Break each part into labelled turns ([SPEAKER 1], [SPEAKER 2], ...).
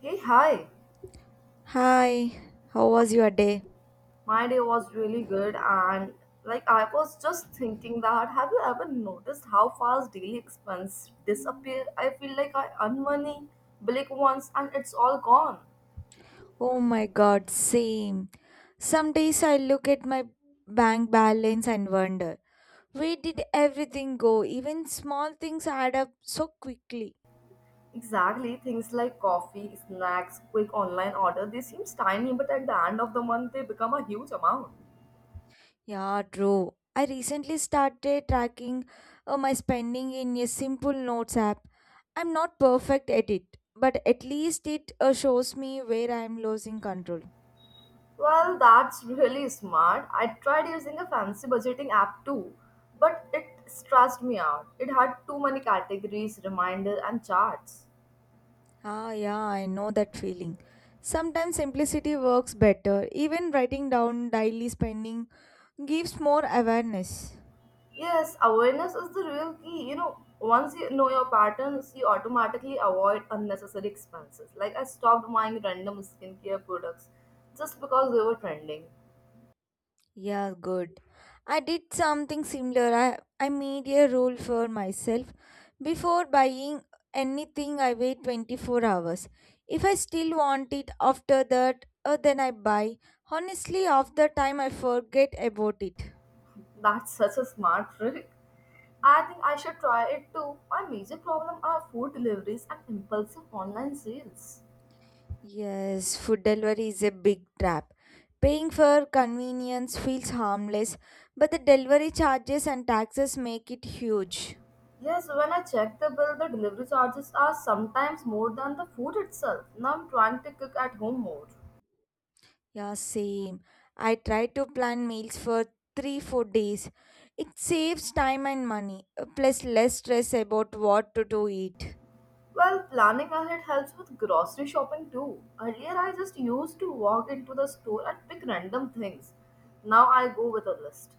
[SPEAKER 1] Hey, hi.
[SPEAKER 2] Hi, how was your day?
[SPEAKER 1] My day was really good, and like I was just thinking that have you ever noticed how fast daily expense disappear? I feel like I earn money, blink once, and it's all gone.
[SPEAKER 2] Oh my god, same. Some days I look at my bank balance and wonder, where did everything go? Even small things add up so quickly.
[SPEAKER 1] Exactly, things like coffee, snacks, quick online order, they seem tiny, but at the end of the month, they become a huge amount.
[SPEAKER 2] Yeah, true. I recently started tracking my spending in a simple notes app. I'm not perfect at it, but at least it shows me where I'm losing control.
[SPEAKER 1] Well, that's really smart. I tried using a fancy budgeting app too, but it stressed me out. It had too many categories, reminder, and charts.
[SPEAKER 2] Ah, yeah, I know that feeling. Sometimes simplicity works better. Even writing down daily spending gives more awareness.
[SPEAKER 1] Yes, awareness is the real key. You know, once you know your patterns, you automatically avoid unnecessary expenses. Like I stopped buying random skincare products just because they were trending.
[SPEAKER 2] Yeah, good. I did something similar. I made a rule for myself. Before buying anything, I wait 24 hours. If I still want it after that, then I buy. Honestly, after time, I forget about it.
[SPEAKER 1] That's such a smart trick. I think I should try it too. My major problem are food deliveries and impulsive online sales.
[SPEAKER 2] Yes, food delivery is a big trap. Paying for convenience feels harmless, but the delivery charges and taxes make it huge.
[SPEAKER 1] Yes, when I check the bill, the delivery charges are sometimes more than the food itself. Now I'm trying to cook at home more.
[SPEAKER 2] Yeah, same. I try to plan meals for 3 4 days. It saves time and money, plus less stress about what to do eat.
[SPEAKER 1] Well, planning ahead helps with grocery shopping too. Earlier, I just used to walk into the store and pick random things. Now I go with a list.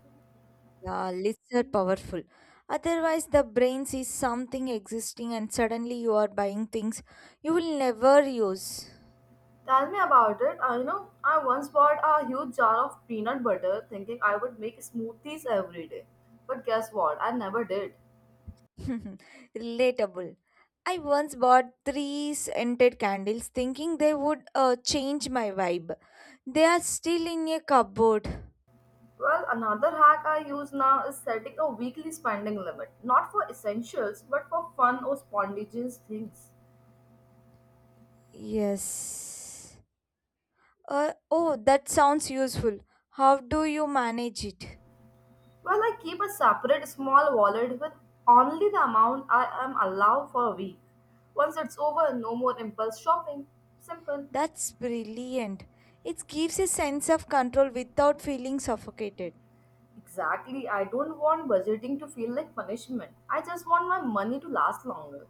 [SPEAKER 2] Yeah, lists are powerful. Otherwise, the brain sees something existing and suddenly you are buying things you will never use.
[SPEAKER 1] Tell me about it. I know I once bought a huge jar of peanut butter thinking I would make smoothies every day. But guess what? I never did.
[SPEAKER 2] Relatable. I once bought three scented candles thinking they would change my vibe. They are still in a cupboard.
[SPEAKER 1] Well, another hack I use now is setting a weekly spending limit, not for essentials, but for fun or spontaneous things.
[SPEAKER 2] Yes. Oh, that sounds useful. How do you manage it?
[SPEAKER 1] Well, I keep a separate small wallet with only the amount I am allowed for a week. Once it's over, no more impulse shopping. Simple.
[SPEAKER 2] That's brilliant. It gives a sense of control without feeling suffocated.
[SPEAKER 1] Exactly, I don't want budgeting to feel like punishment. I just want my money to last longer.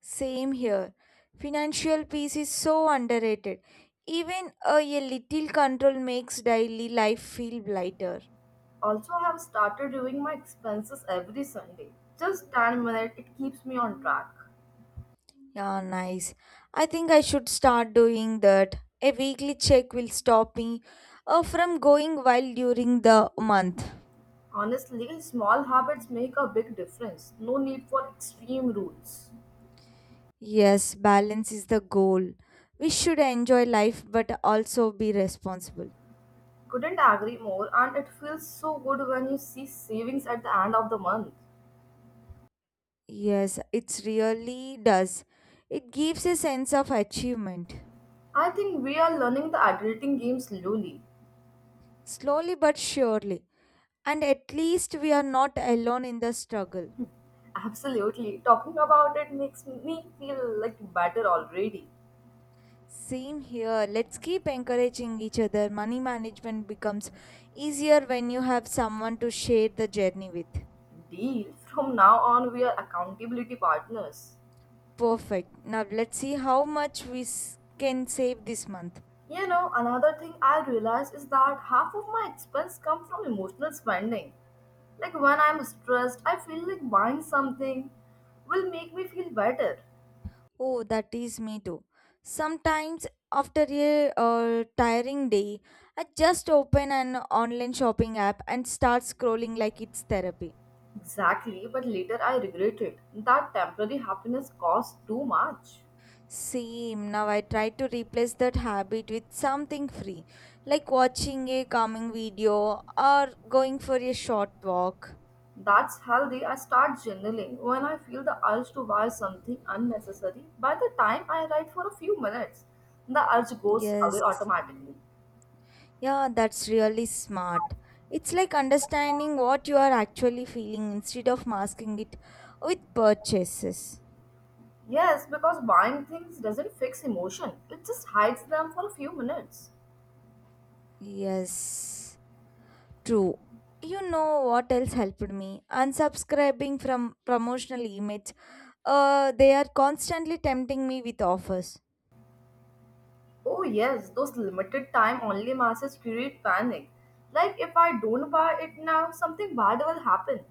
[SPEAKER 2] Same here. Financial peace is so underrated. Even a little control makes daily life feel lighter.
[SPEAKER 1] Also, I have started doing my expenses every Sunday. Just 10 minutes, it keeps me on track.
[SPEAKER 2] Yeah, nice. I think I should start doing that. A weekly check will stop me from going wild during the month.
[SPEAKER 1] Honestly, small habits make a big difference. No need for extreme rules.
[SPEAKER 2] Yes, balance is the goal. We should enjoy life but also be responsible.
[SPEAKER 1] Couldn't agree more, and it feels so good when you see savings at the end of the month.
[SPEAKER 2] Yes, it really does. It gives a sense of achievement.
[SPEAKER 1] I think we are learning the adulting game slowly.
[SPEAKER 2] Slowly but surely. And at least we are not alone in the struggle.
[SPEAKER 1] Absolutely. Talking about it makes me feel like better already.
[SPEAKER 2] Same here. Let's keep encouraging each other. Money management becomes easier when you have someone to share the journey with.
[SPEAKER 1] Deal. From now on, we are accountability partners.
[SPEAKER 2] Perfect. Now let's see how much can save this month.
[SPEAKER 1] You know, another thing I realize is that half of my expense come from emotional spending. Like when I'm stressed, I feel like buying something will make me feel better.
[SPEAKER 2] Oh, that is me too. Sometimes after a tiring day, I just open an online shopping app and start scrolling like it's therapy.
[SPEAKER 1] Exactly, but later I regret it. That temporary happiness costs too much.
[SPEAKER 2] Same. Now I try to replace that habit with something free, like watching a calming video or going for a short walk.
[SPEAKER 1] That's healthy. I start journaling when I feel the urge to buy something unnecessary. By the time I write for a few minutes, the urge goes away
[SPEAKER 2] Yes.
[SPEAKER 1] automatically.
[SPEAKER 2] Yeah, that's really smart. It's like understanding what you are actually feeling instead of masking it with purchases.
[SPEAKER 1] Yes, because buying things doesn't fix emotion, it just hides them for a few minutes.
[SPEAKER 2] Yes, true. You know what else helped me? Unsubscribing from promotional emails. They are constantly tempting me with offers.
[SPEAKER 1] Oh, yes, those limited time only masses create panic. Like, if I don't buy it now, something bad will happen.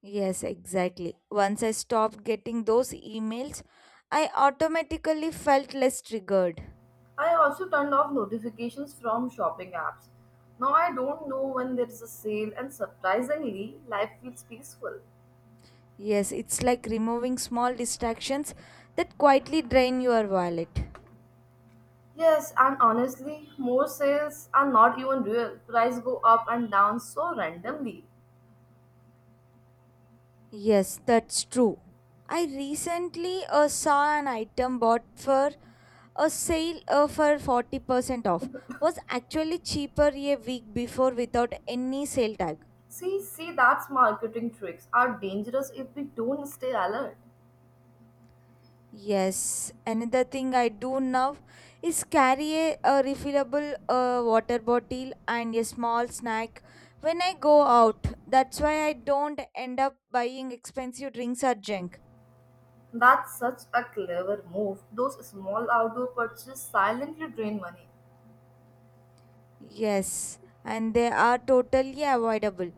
[SPEAKER 2] Yes, exactly. Once I stopped getting those emails, I automatically felt less triggered.
[SPEAKER 1] I also turned off notifications from shopping apps. Now I don't know when there's a sale, and surprisingly, life feels peaceful.
[SPEAKER 2] Yes, it's like removing small distractions that quietly drain your wallet.
[SPEAKER 1] Yes, and honestly, more sales are not even real. Price go up and down so randomly.
[SPEAKER 2] Yes, that's true. I recently saw an item bought for a sale for 40% off was actually cheaper a week before without any sale tag.
[SPEAKER 1] See, see, that's marketing tricks are dangerous if we don't stay alert.
[SPEAKER 2] Yes, another thing I do now is carry a refillable water bottle and a small snack when I go out. That's why I don't end up buying expensive drinks or junk.
[SPEAKER 1] That's such a clever move. Those small outdoor purchases silently drain money.
[SPEAKER 2] Yes, and they are totally avoidable.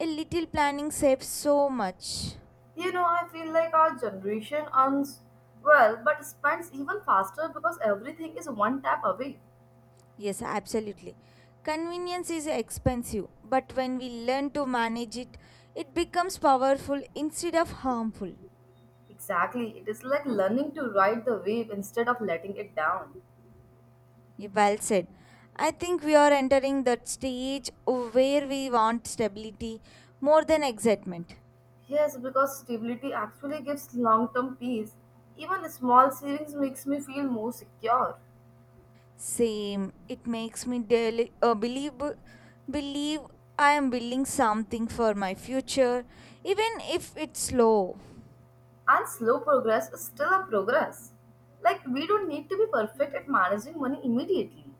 [SPEAKER 2] A little planning saves so much.
[SPEAKER 1] You know, I feel like our generation earns well but spends even faster because everything is one tap away.
[SPEAKER 2] Yes, absolutely. Convenience is expensive, but when we learn to manage it, it becomes powerful instead of harmful.
[SPEAKER 1] Exactly, it is like learning to ride the wave instead of letting it down.
[SPEAKER 2] Yeah, well said. I think we are entering that stage where we want stability more than excitement.
[SPEAKER 1] Yes, because stability actually gives long term peace. Even small savings makes me feel more secure.
[SPEAKER 2] Same. It makes me daily, believe I am building something for my future, even if it's slow.
[SPEAKER 1] And slow progress is still a progress. Like, we don't need to be perfect at managing money immediately.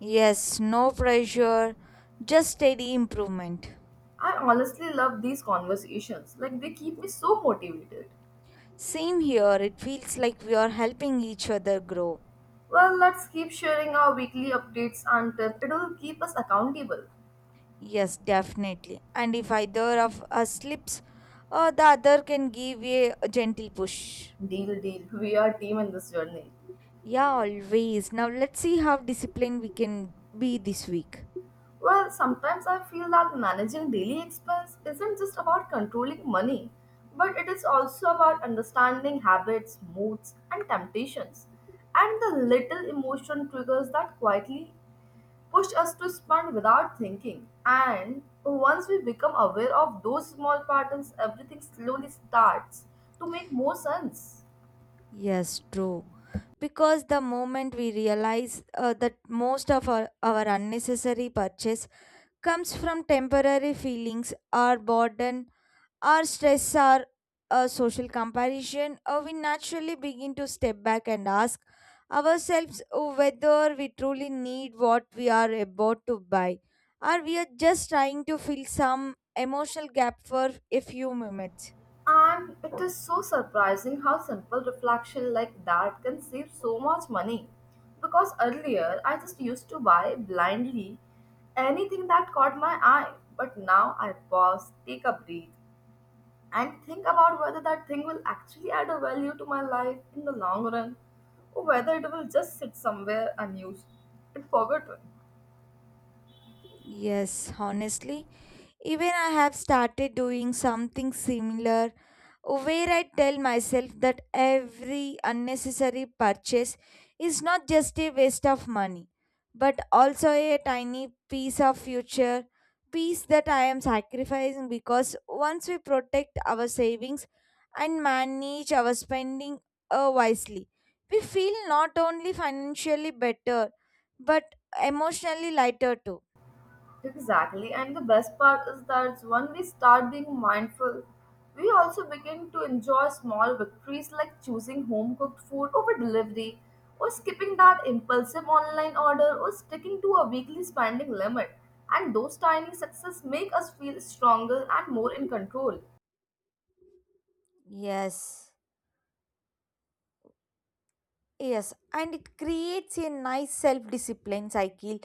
[SPEAKER 2] Yes, no pressure, just steady improvement.
[SPEAKER 1] I honestly love these conversations. Like, they keep me so motivated.
[SPEAKER 2] Same here. It feels like we are helping each other grow.
[SPEAKER 1] Well, let's keep sharing our weekly updates and tips. It will keep us accountable.
[SPEAKER 2] Yes, definitely. And if either of us slips, the other can give a gentle push.
[SPEAKER 1] Deal, deal. We are team in this journey.
[SPEAKER 2] Yeah, always. Now let's see how disciplined we can be this week.
[SPEAKER 1] Well, sometimes I feel that managing daily expense isn't just about controlling money, but it is also about understanding habits, moods, and temptations, and the little emotion triggers that quietly push us to spend without thinking. And once we become aware of those small patterns, everything slowly starts to make more sense.
[SPEAKER 2] Yes, true. Because the moment we realize that most of our unnecessary purchase comes from temporary feelings or burden. Our stress, our social comparison, we naturally begin to step back and ask ourselves whether we truly need what we are about to buy, or we are just trying to fill some emotional gap for a few minutes.
[SPEAKER 1] And it is so surprising how simple reflection like that can save so much money. Because earlier I just used to buy blindly anything that caught my eye, but now I pause, take a breath, and think about whether that thing will actually add a value to my life in the long run or whether it will just sit somewhere unused and forgotten.
[SPEAKER 2] Yes, honestly, even I have started doing something similar where I tell myself that every unnecessary purchase is not just a waste of money, but also a tiny piece of future peace that I am sacrificing because once we protect our savings and manage our spending wisely, we feel not only financially better but emotionally lighter too.
[SPEAKER 1] Exactly, and the best part is that when we start being mindful, we also begin to enjoy small victories like choosing home cooked food over delivery, or skipping that impulsive online order, or sticking to a weekly spending limit. And those tiny successes make us feel stronger and more in control.
[SPEAKER 2] Yes. Yes, and it creates a nice self discipline cycle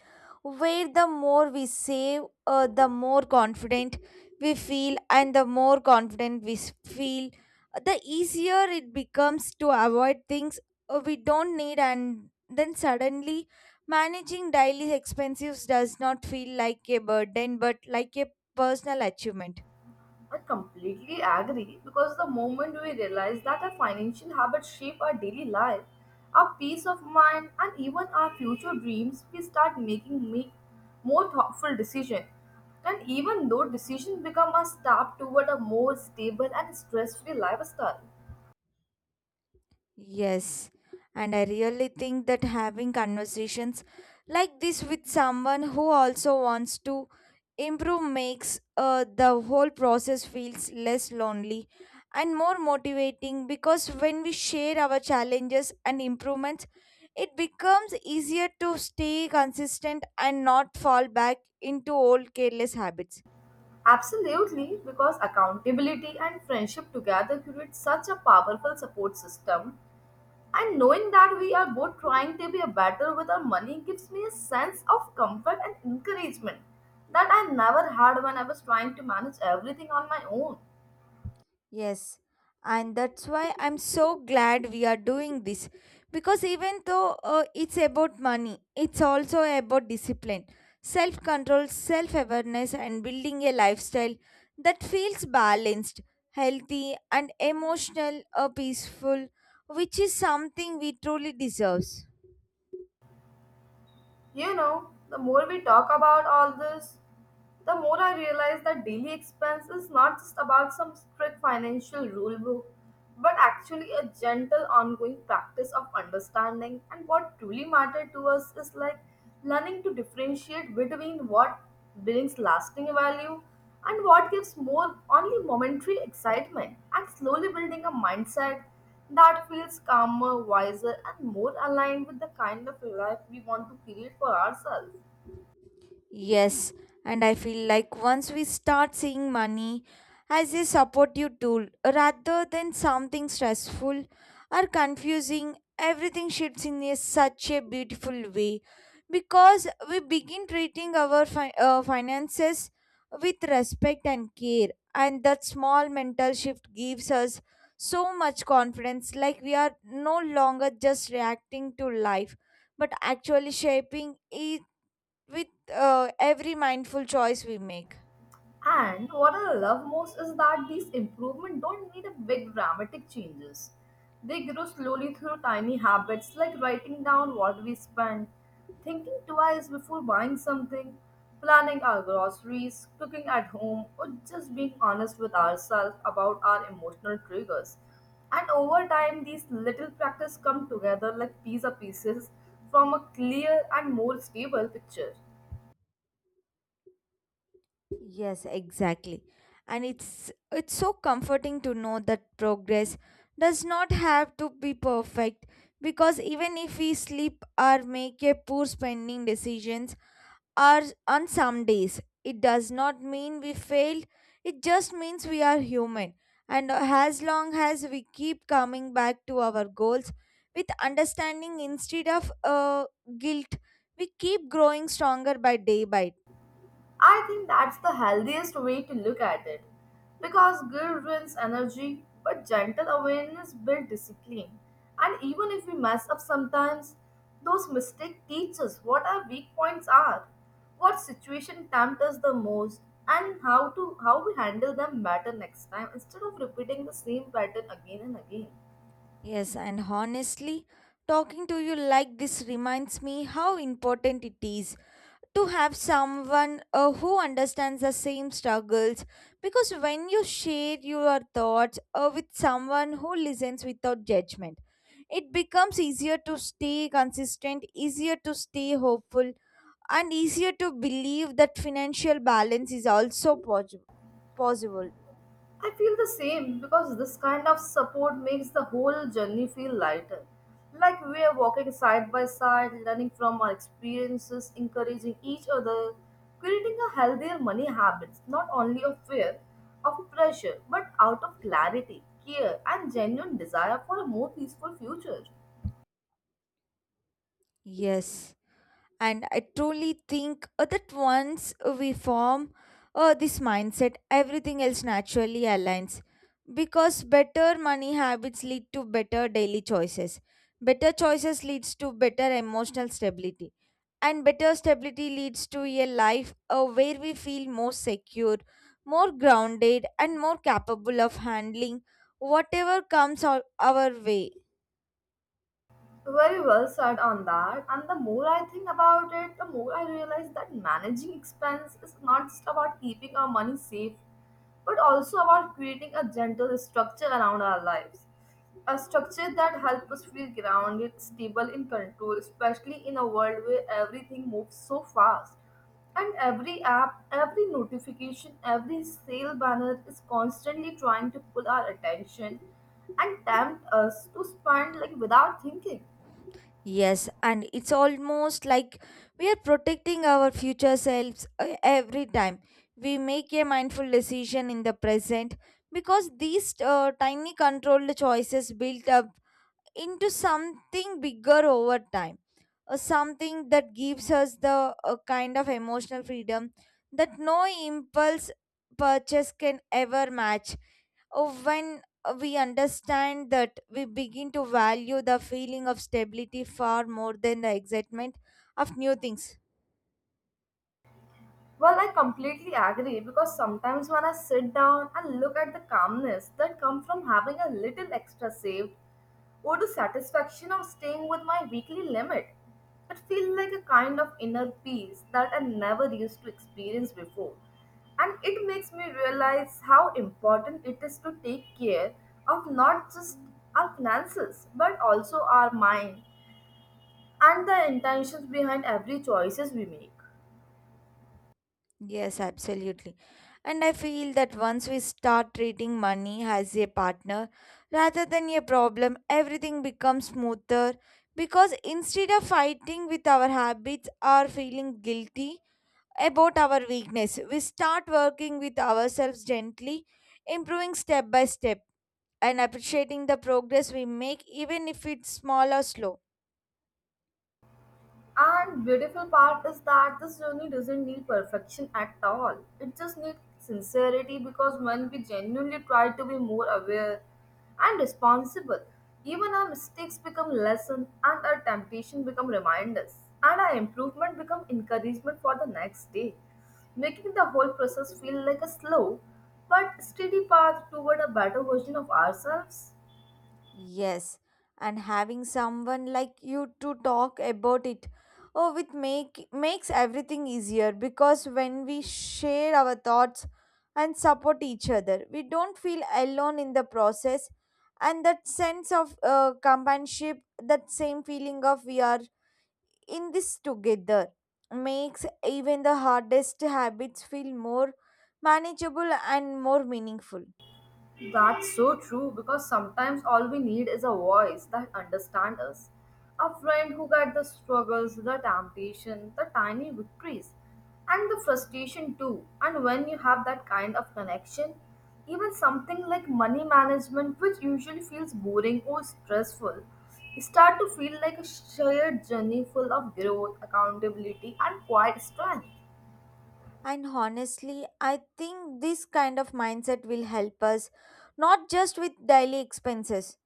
[SPEAKER 2] where the more we save, the more confident we feel, and the more confident feel, the easier it becomes to avoid things we don't need, and then suddenly managing daily expenses does not feel like a burden but like a personal achievement.
[SPEAKER 1] I completely agree because the moment we realize that our financial habits shape our daily life, our peace of mind, and even our future dreams, we start making make more thoughtful decisions. And even though decisions become a step toward a more stable and stress-free lifestyle.
[SPEAKER 2] Yes, and I really think that having conversations like this with someone who also wants to improve makes the whole process feels less lonely and more motivating because when we share our challenges and improvements it becomes easier to stay consistent and not fall back into old careless habits.
[SPEAKER 1] Absolutely, because accountability and friendship together create such a powerful support system. And knowing that we are both trying to be a better with our money gives me a sense of comfort and encouragement that I never had when I was trying to manage everything on my own.
[SPEAKER 2] Yes, and that's why I'm so glad we are doing this because even though it's about money, it's also about discipline, self control, self awareness, and building a lifestyle that feels balanced, healthy, and emotional or peaceful, which is something we truly deserve.
[SPEAKER 1] You know, the more we talk about all this, the more I realize that daily expense is not just about some strict financial rule book, but actually a gentle ongoing practice of understanding. And what truly matters to us is like learning to differentiate between what brings lasting value and what gives more only momentary excitement, and slowly building a mindset that feels calmer, wiser, and more aligned with the kind of life we want to create for ourselves.
[SPEAKER 2] Yes, and I feel like once we start seeing money as a supportive tool rather than something stressful or confusing, everything shifts in a, such a beautiful way because we begin treating our finances with respect and care, and that small mental shift gives us so much confidence like we are no longer just reacting to life but actually shaping it with every mindful choice we make.
[SPEAKER 1] And what I love most is that these improvements don't need a big dramatic changes. They grow slowly through tiny habits like writing down what we spend, thinking twice before buying something, planning our groceries, cooking at home, or just being honest with ourselves about our emotional triggers. And over time, these little practice come together like pizza pieces from a clear and more stable picture.
[SPEAKER 2] Yes, exactly. And it's so comforting to know that progress does not have to be perfect because even if we slip or make a poor spending decisions or on some days, it does not mean we failed, it just means we are human. And as long as we keep coming back to our goals with understanding instead of guilt, we keep growing stronger by day by day.
[SPEAKER 1] I think that's the healthiest way to look at it because guilt ruins energy, but gentle awareness builds discipline. And even if we mess up sometimes, those mistakes teach us what our weak points are, what situation tempt us the most, and how to how we handle them better next time instead of repeating the same pattern again and again.
[SPEAKER 2] Yes, and honestly, talking to you like this reminds me how important it is to have someone who understands the same struggles because when you share your thoughts with someone who listens without judgment it becomes easier to stay consistent, easier to stay hopeful, and easier to believe that financial balance is also possible.
[SPEAKER 1] I feel the same because this kind of support makes the whole journey feel lighter. Like we are walking side by side, learning from our experiences, encouraging each other, creating a healthier money habits, not only of fear, of pressure, but out of clarity, care, and genuine desire for a more peaceful future.
[SPEAKER 2] Yes, and I truly think that once we form this mindset everything else naturally aligns because better money habits lead to better daily choices, better choices leads to better emotional stability, and better stability leads to a life where we feel more secure, more grounded, and more capable of handling whatever comes our way.
[SPEAKER 1] Very well said on that. And the more I think about it, the more I realize that managing expense is not just about keeping our money safe, but also about creating a gentle structure around our lives. A structure that helps us feel grounded, stable, in control, especially in a world where everything moves so fast. And every app, every notification, every sale banner is constantly trying to pull our attention and tempt us to spend like without thinking.
[SPEAKER 2] Yes, and it's almost like we are protecting our future selves every time we make a mindful decision in the present because these tiny controlled choices build up into something bigger over time, something that gives us the kind of emotional freedom that no impulse purchase can ever match. When we understand that we begin to value the feeling of stability far more than the excitement of new things.
[SPEAKER 1] Well, I completely agree because sometimes when I sit down and look at the calmness that comes from having a little extra saved or the satisfaction of staying with my weekly limit, it feels like a kind of inner peace that I never used to experience before. And it makes me realize how important it is to take care of not just our finances but also our mind and the intentions behind every choices we make.
[SPEAKER 2] Yes, absolutely. And I feel that once we start treating money as a partner rather than a problem, everything becomes smoother because instead of fighting with our habits or feeling guilty about our weakness, we start working with ourselves gently, improving step by step, and appreciating the progress we make, even if it's small or slow.
[SPEAKER 1] And beautiful part is that this journey doesn't need perfection at all. It just needs sincerity because when we genuinely try to be more aware and responsible, even our mistakes become lesson and our temptation become reminders and our improvement become encouragement for the next day, making the whole process feel like a slow but steady path toward a better version of ourselves.
[SPEAKER 2] Yes, and having someone like you to talk about it oh with make makes everything easier because when we share our thoughts and support each other we don't feel alone in the process and that sense of companionship, that same feeling of we are in this together, makes even the hardest habits feel more manageable and more meaningful.
[SPEAKER 1] That's so true because sometimes all we need is a voice that understands us. A friend who gets the struggles, the temptation, the tiny victories, and the frustration too. And when you have that kind of connection, even something like money management, which usually feels boring or stressful, start to feel like a shared journey full of growth, accountability, and quiet strength.
[SPEAKER 2] And honestly, I think this kind of mindset will help us not just with daily expenses,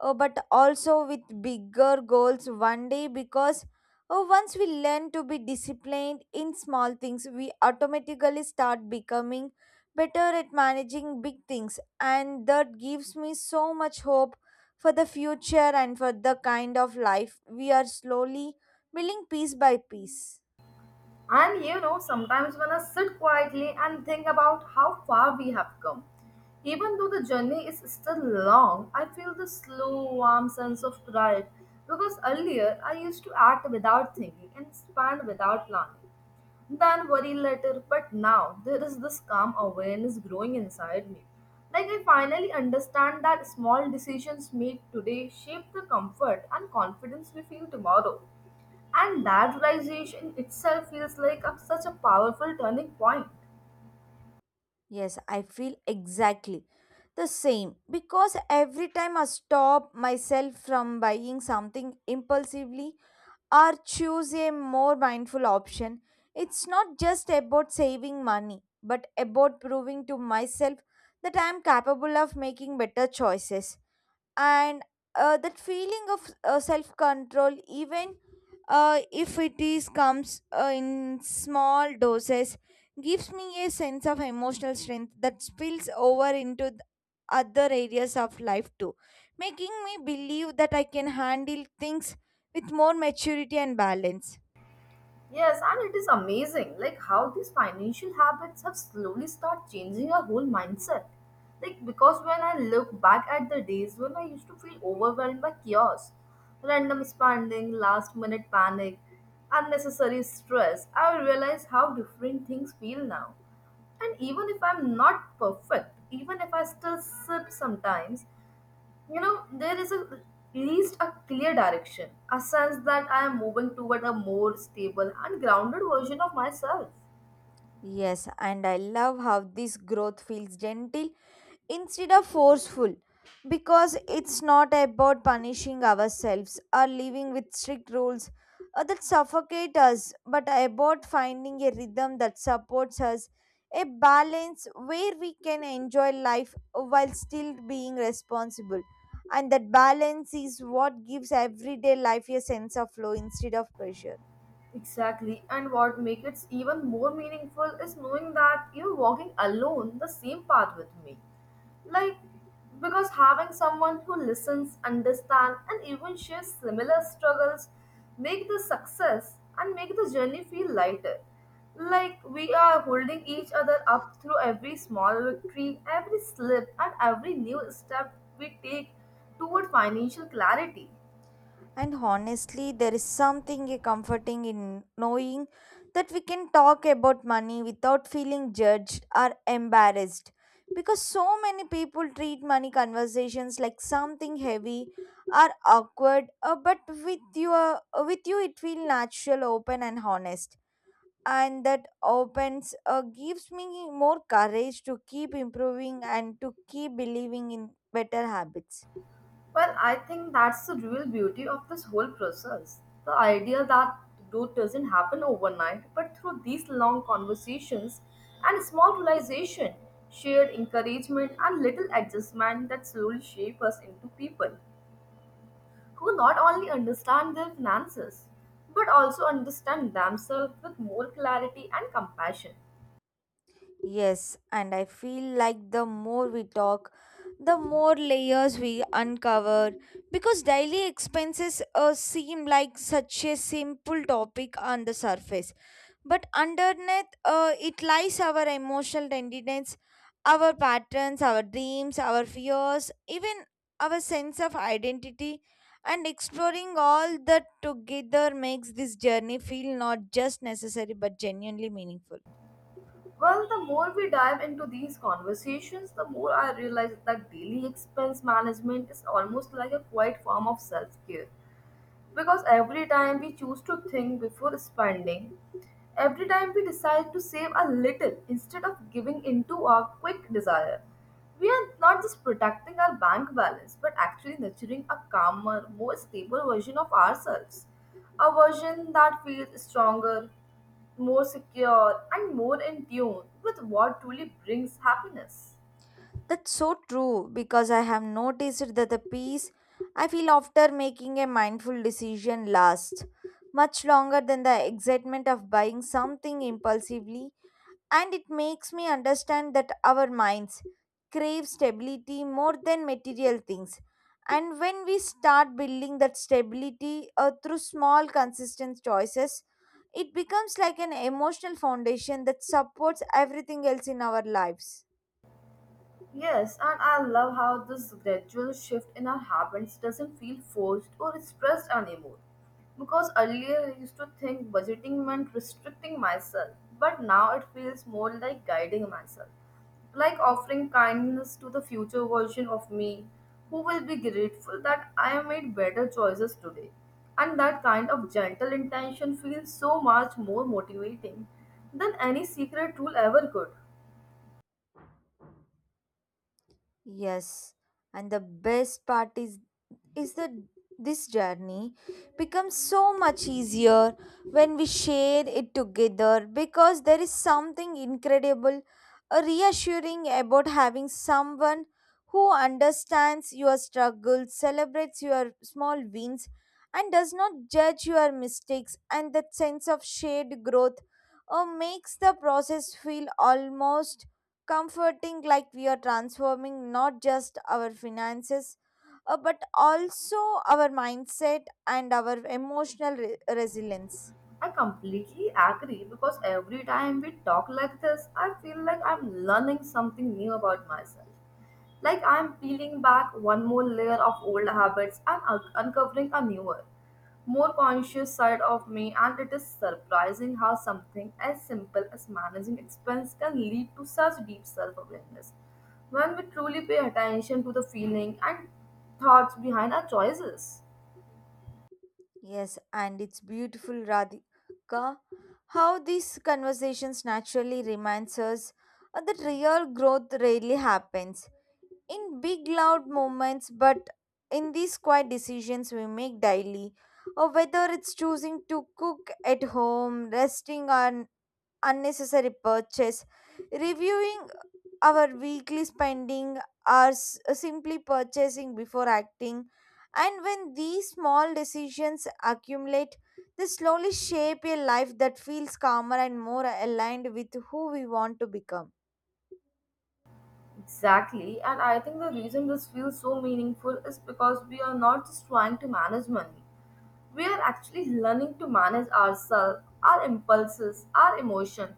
[SPEAKER 2] but also with bigger goals one day because once we learn to be disciplined in small things, we automatically start becoming better at managing big things. And that gives me so much hope for the future and for the kind of life we are slowly building piece by piece.
[SPEAKER 1] And you know, sometimes when I sit quietly and think about how far we have come, even though the journey is still long, I feel this slow, warm sense of pride because earlier I used to act without thinking and expand without planning. Then worry later, but now there is this calm awareness growing inside me. Like I finally understand that small decisions made today shape the comfort and confidence we feel tomorrow. And that realization itself feels like such a powerful turning point.
[SPEAKER 2] Yes, I feel exactly the same because every time I stop myself from buying something impulsively or choose a more mindful option, it's not just about saving money but about proving to myself that I am capable of making better choices and that feeling of self control even if it is comes in small doses gives me a sense of emotional strength that spills over into other areas of life too, making me believe that I can handle things with more maturity and balance.
[SPEAKER 1] Yes, and it is amazing like how these financial habits have slowly start changing our whole mindset. Like because when I look back at the days when I used to feel overwhelmed by chaos, random spending, last minute panic, unnecessary stress, I realize how different things feel now. And even if I'm not perfect, even if I still slip sometimes, you know, there is at least a clear direction, a sense that I am moving toward a more stable and grounded version of myself.
[SPEAKER 2] Yes, and I love how this growth feels gentle instead of forceful, because it's not about punishing ourselves or living with strict rules that suffocate us, but about finding a rhythm that supports us, a balance where we can enjoy life while still being responsible. And that balance is what gives everyday life a sense of flow instead of pressure.
[SPEAKER 1] Exactly. And what makes it even more meaningful is knowing that you're walking alone the same path with me. Like, because having someone who listens, understands, and even shares similar struggles make the journey feel lighter. Like we are holding each other up through every small victory, every slip, and every new step we take toward financial clarity.
[SPEAKER 2] And honestly, there is something comforting in knowing that we can talk about money without feeling judged or embarrassed. Because so many people treat money conversations like something heavy or awkward, but with you, it feels natural, open, and honest. And that opens gives me more courage to keep improving and to keep believing in better habits.
[SPEAKER 1] Well, I think that's the real beauty of this whole process. The idea that growth doesn't happen overnight, but through these long conversations and small realization, shared encouragement and little adjustment that slowly shape us into people who not only understand their finances, but also understand themselves with more clarity and compassion.
[SPEAKER 2] Yes, and I feel like the more we talk, the more layers we uncover, because daily expenses seem like such a simple topic on the surface. But underneath it lies our emotional tenderness, our patterns, our dreams, our fears, even our sense of identity. And exploring all that together makes this journey feel not just necessary but genuinely meaningful.
[SPEAKER 1] Well, the more we dive into these conversations, the more I realize that daily expense management is almost like a quiet form of self care. Because every time we choose to think before spending, every time we decide to save a little instead of giving into our quick desire, we are not just protecting our bank balance but actually nurturing a calmer, more stable version of ourselves. A version that feels stronger, more secure, and more in tune with what truly brings happiness.
[SPEAKER 2] That's so true, because I have noticed that the peace I feel after making a mindful decision lasts much longer than the excitement of buying something impulsively, and it makes me understand that our minds crave stability more than material things. And when we start building that stability through small, consistent choices, it becomes like an emotional foundation that supports everything else in our lives.
[SPEAKER 1] Yes, and I love how this gradual shift in our habits doesn't feel forced or stressed anymore. Because earlier I used to think budgeting meant restricting myself, but now it feels more like guiding myself. Like offering kindness to the future version of me, who will be grateful that I made better choices today. And that kind of gentle intention feels so much more motivating than any secret tool ever could.
[SPEAKER 2] Yes, and the best part is that this journey becomes so much easier when we share it together, because there is something incredible, reassuring about having someone who understands your struggles, celebrates your small wins, and does not judge your mistakes. And that sense of shared growth makes the process feel almost comforting, like we are transforming not just our finances but also our mindset and our emotional resilience.
[SPEAKER 1] I completely agree because every time we talk like this, I feel like I'm learning something new about myself. Like I'm peeling back one more layer of old habits and uncovering a newer, more conscious side of me, and it is surprising how something as simple as managing expense can lead to such deep self awareness when we truly pay attention to the feeling and thoughts behind our choices.
[SPEAKER 2] Yes, and it's beautiful, Radhika, how these conversations naturally reminds us that real growth rarely happens in big loud moments, but in these quiet decisions we make daily, or whether it's choosing to cook at home, resting on unnecessary purchase. Reviewing our weekly spending or simply purchasing before acting. And when these small decisions accumulate, they slowly shape a life that feels calmer and more aligned with who we want to become.
[SPEAKER 1] Exactly, and I think the reason this feels so meaningful is because we are not just trying to manage money. We are actually learning to manage ourselves, our impulses, our emotion,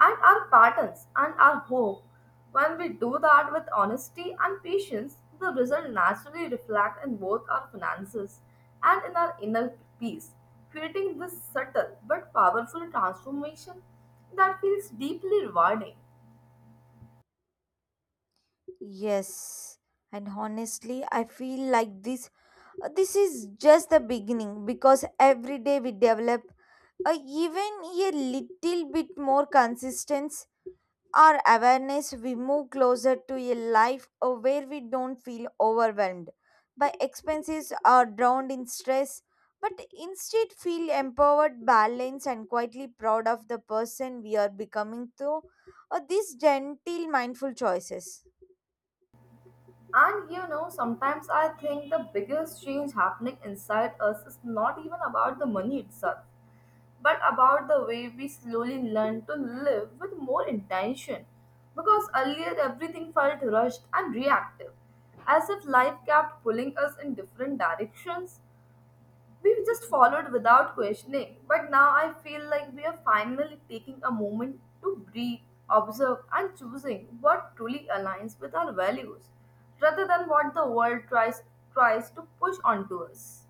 [SPEAKER 1] and our patterns and our hope. When we do that with honesty and patience, the result naturally reflect in both our finances and in our inner peace, creating this subtle but powerful transformation that feels deeply rewarding.
[SPEAKER 2] Yes. And honestly, I feel like this is just the beginning, because every day we develop even a little bit more consistency, our awareness, we move closer to a life where we don't feel overwhelmed by expenses or drowned in stress, but instead feel empowered, balanced, and quietly proud of the person we are becoming through these gentle, mindful choices.
[SPEAKER 1] And you know, sometimes I think the biggest change happening inside us is not even about the money itself, but about the way we slowly learn to live with more intention. Because earlier everything felt rushed and reactive, as if life kept pulling us in different directions. We just followed without questioning, but now I feel like we are finally taking a moment to breathe, observe, and choosing what truly aligns with our values rather than what the world tries to push onto us.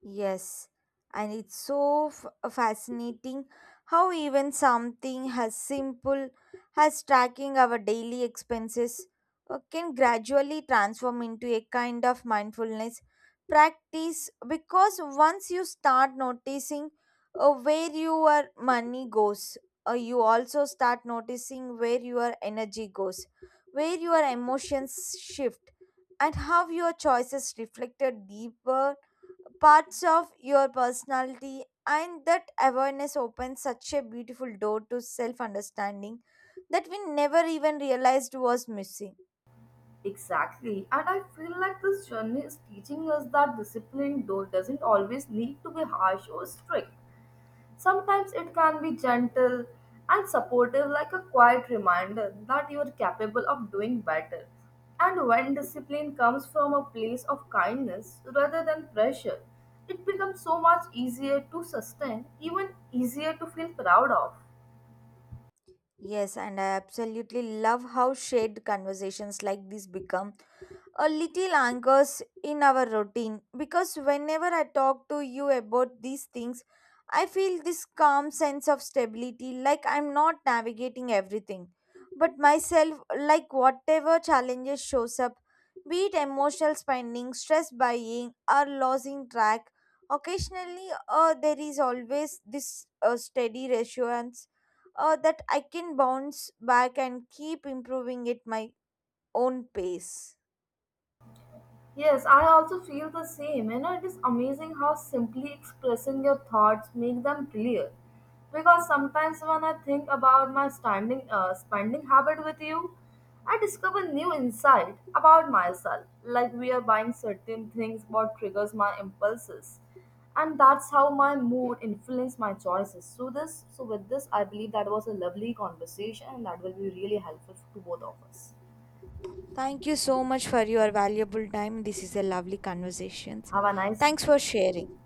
[SPEAKER 2] Yes, and it's so fascinating how even something as simple as tracking our daily expenses can gradually transform into a kind of mindfulness practice, because once you start noticing where your money goes, you also start noticing where your energy goes, where your emotions shift, and how your choices reflected deeper parts of your personality. And that awareness opens such a beautiful door to self understanding that we never even realized was missing.
[SPEAKER 1] Exactly, and I feel like this journey is teaching us that discipline though doesn't always need to be harsh or strict. Sometimes it can be gentle and supportive, like a quiet reminder that you are capable of doing better. And when discipline comes from a place of kindness rather than pressure, it becomes so much easier to sustain, even easier to feel proud of.
[SPEAKER 2] Yes, and I absolutely love how shared conversations like this become a little anchors in our routine, because whenever I talk to you about these things, I feel this calm sense of stability, like I'm not navigating everything, but myself, like whatever challenges shows up, be it emotional spending, stress buying, or losing track. Occasionally, there is always this steady reassurance that I can bounce back and keep improving at my own pace.
[SPEAKER 1] Yes, I also feel the same. You know, it is amazing how simply expressing your thoughts make them clear. Because sometimes when I think about my standing spending habit with you, I discover new insight about myself. Like we are buying certain things, what triggers my impulses, and that's how my mood influences my choices. So with this, I believe that was a lovely conversation, and that will be really helpful to both of us.
[SPEAKER 2] Thank you so much for your valuable time. This is a lovely conversation.
[SPEAKER 1] Have a nice
[SPEAKER 2] Thanks for sharing.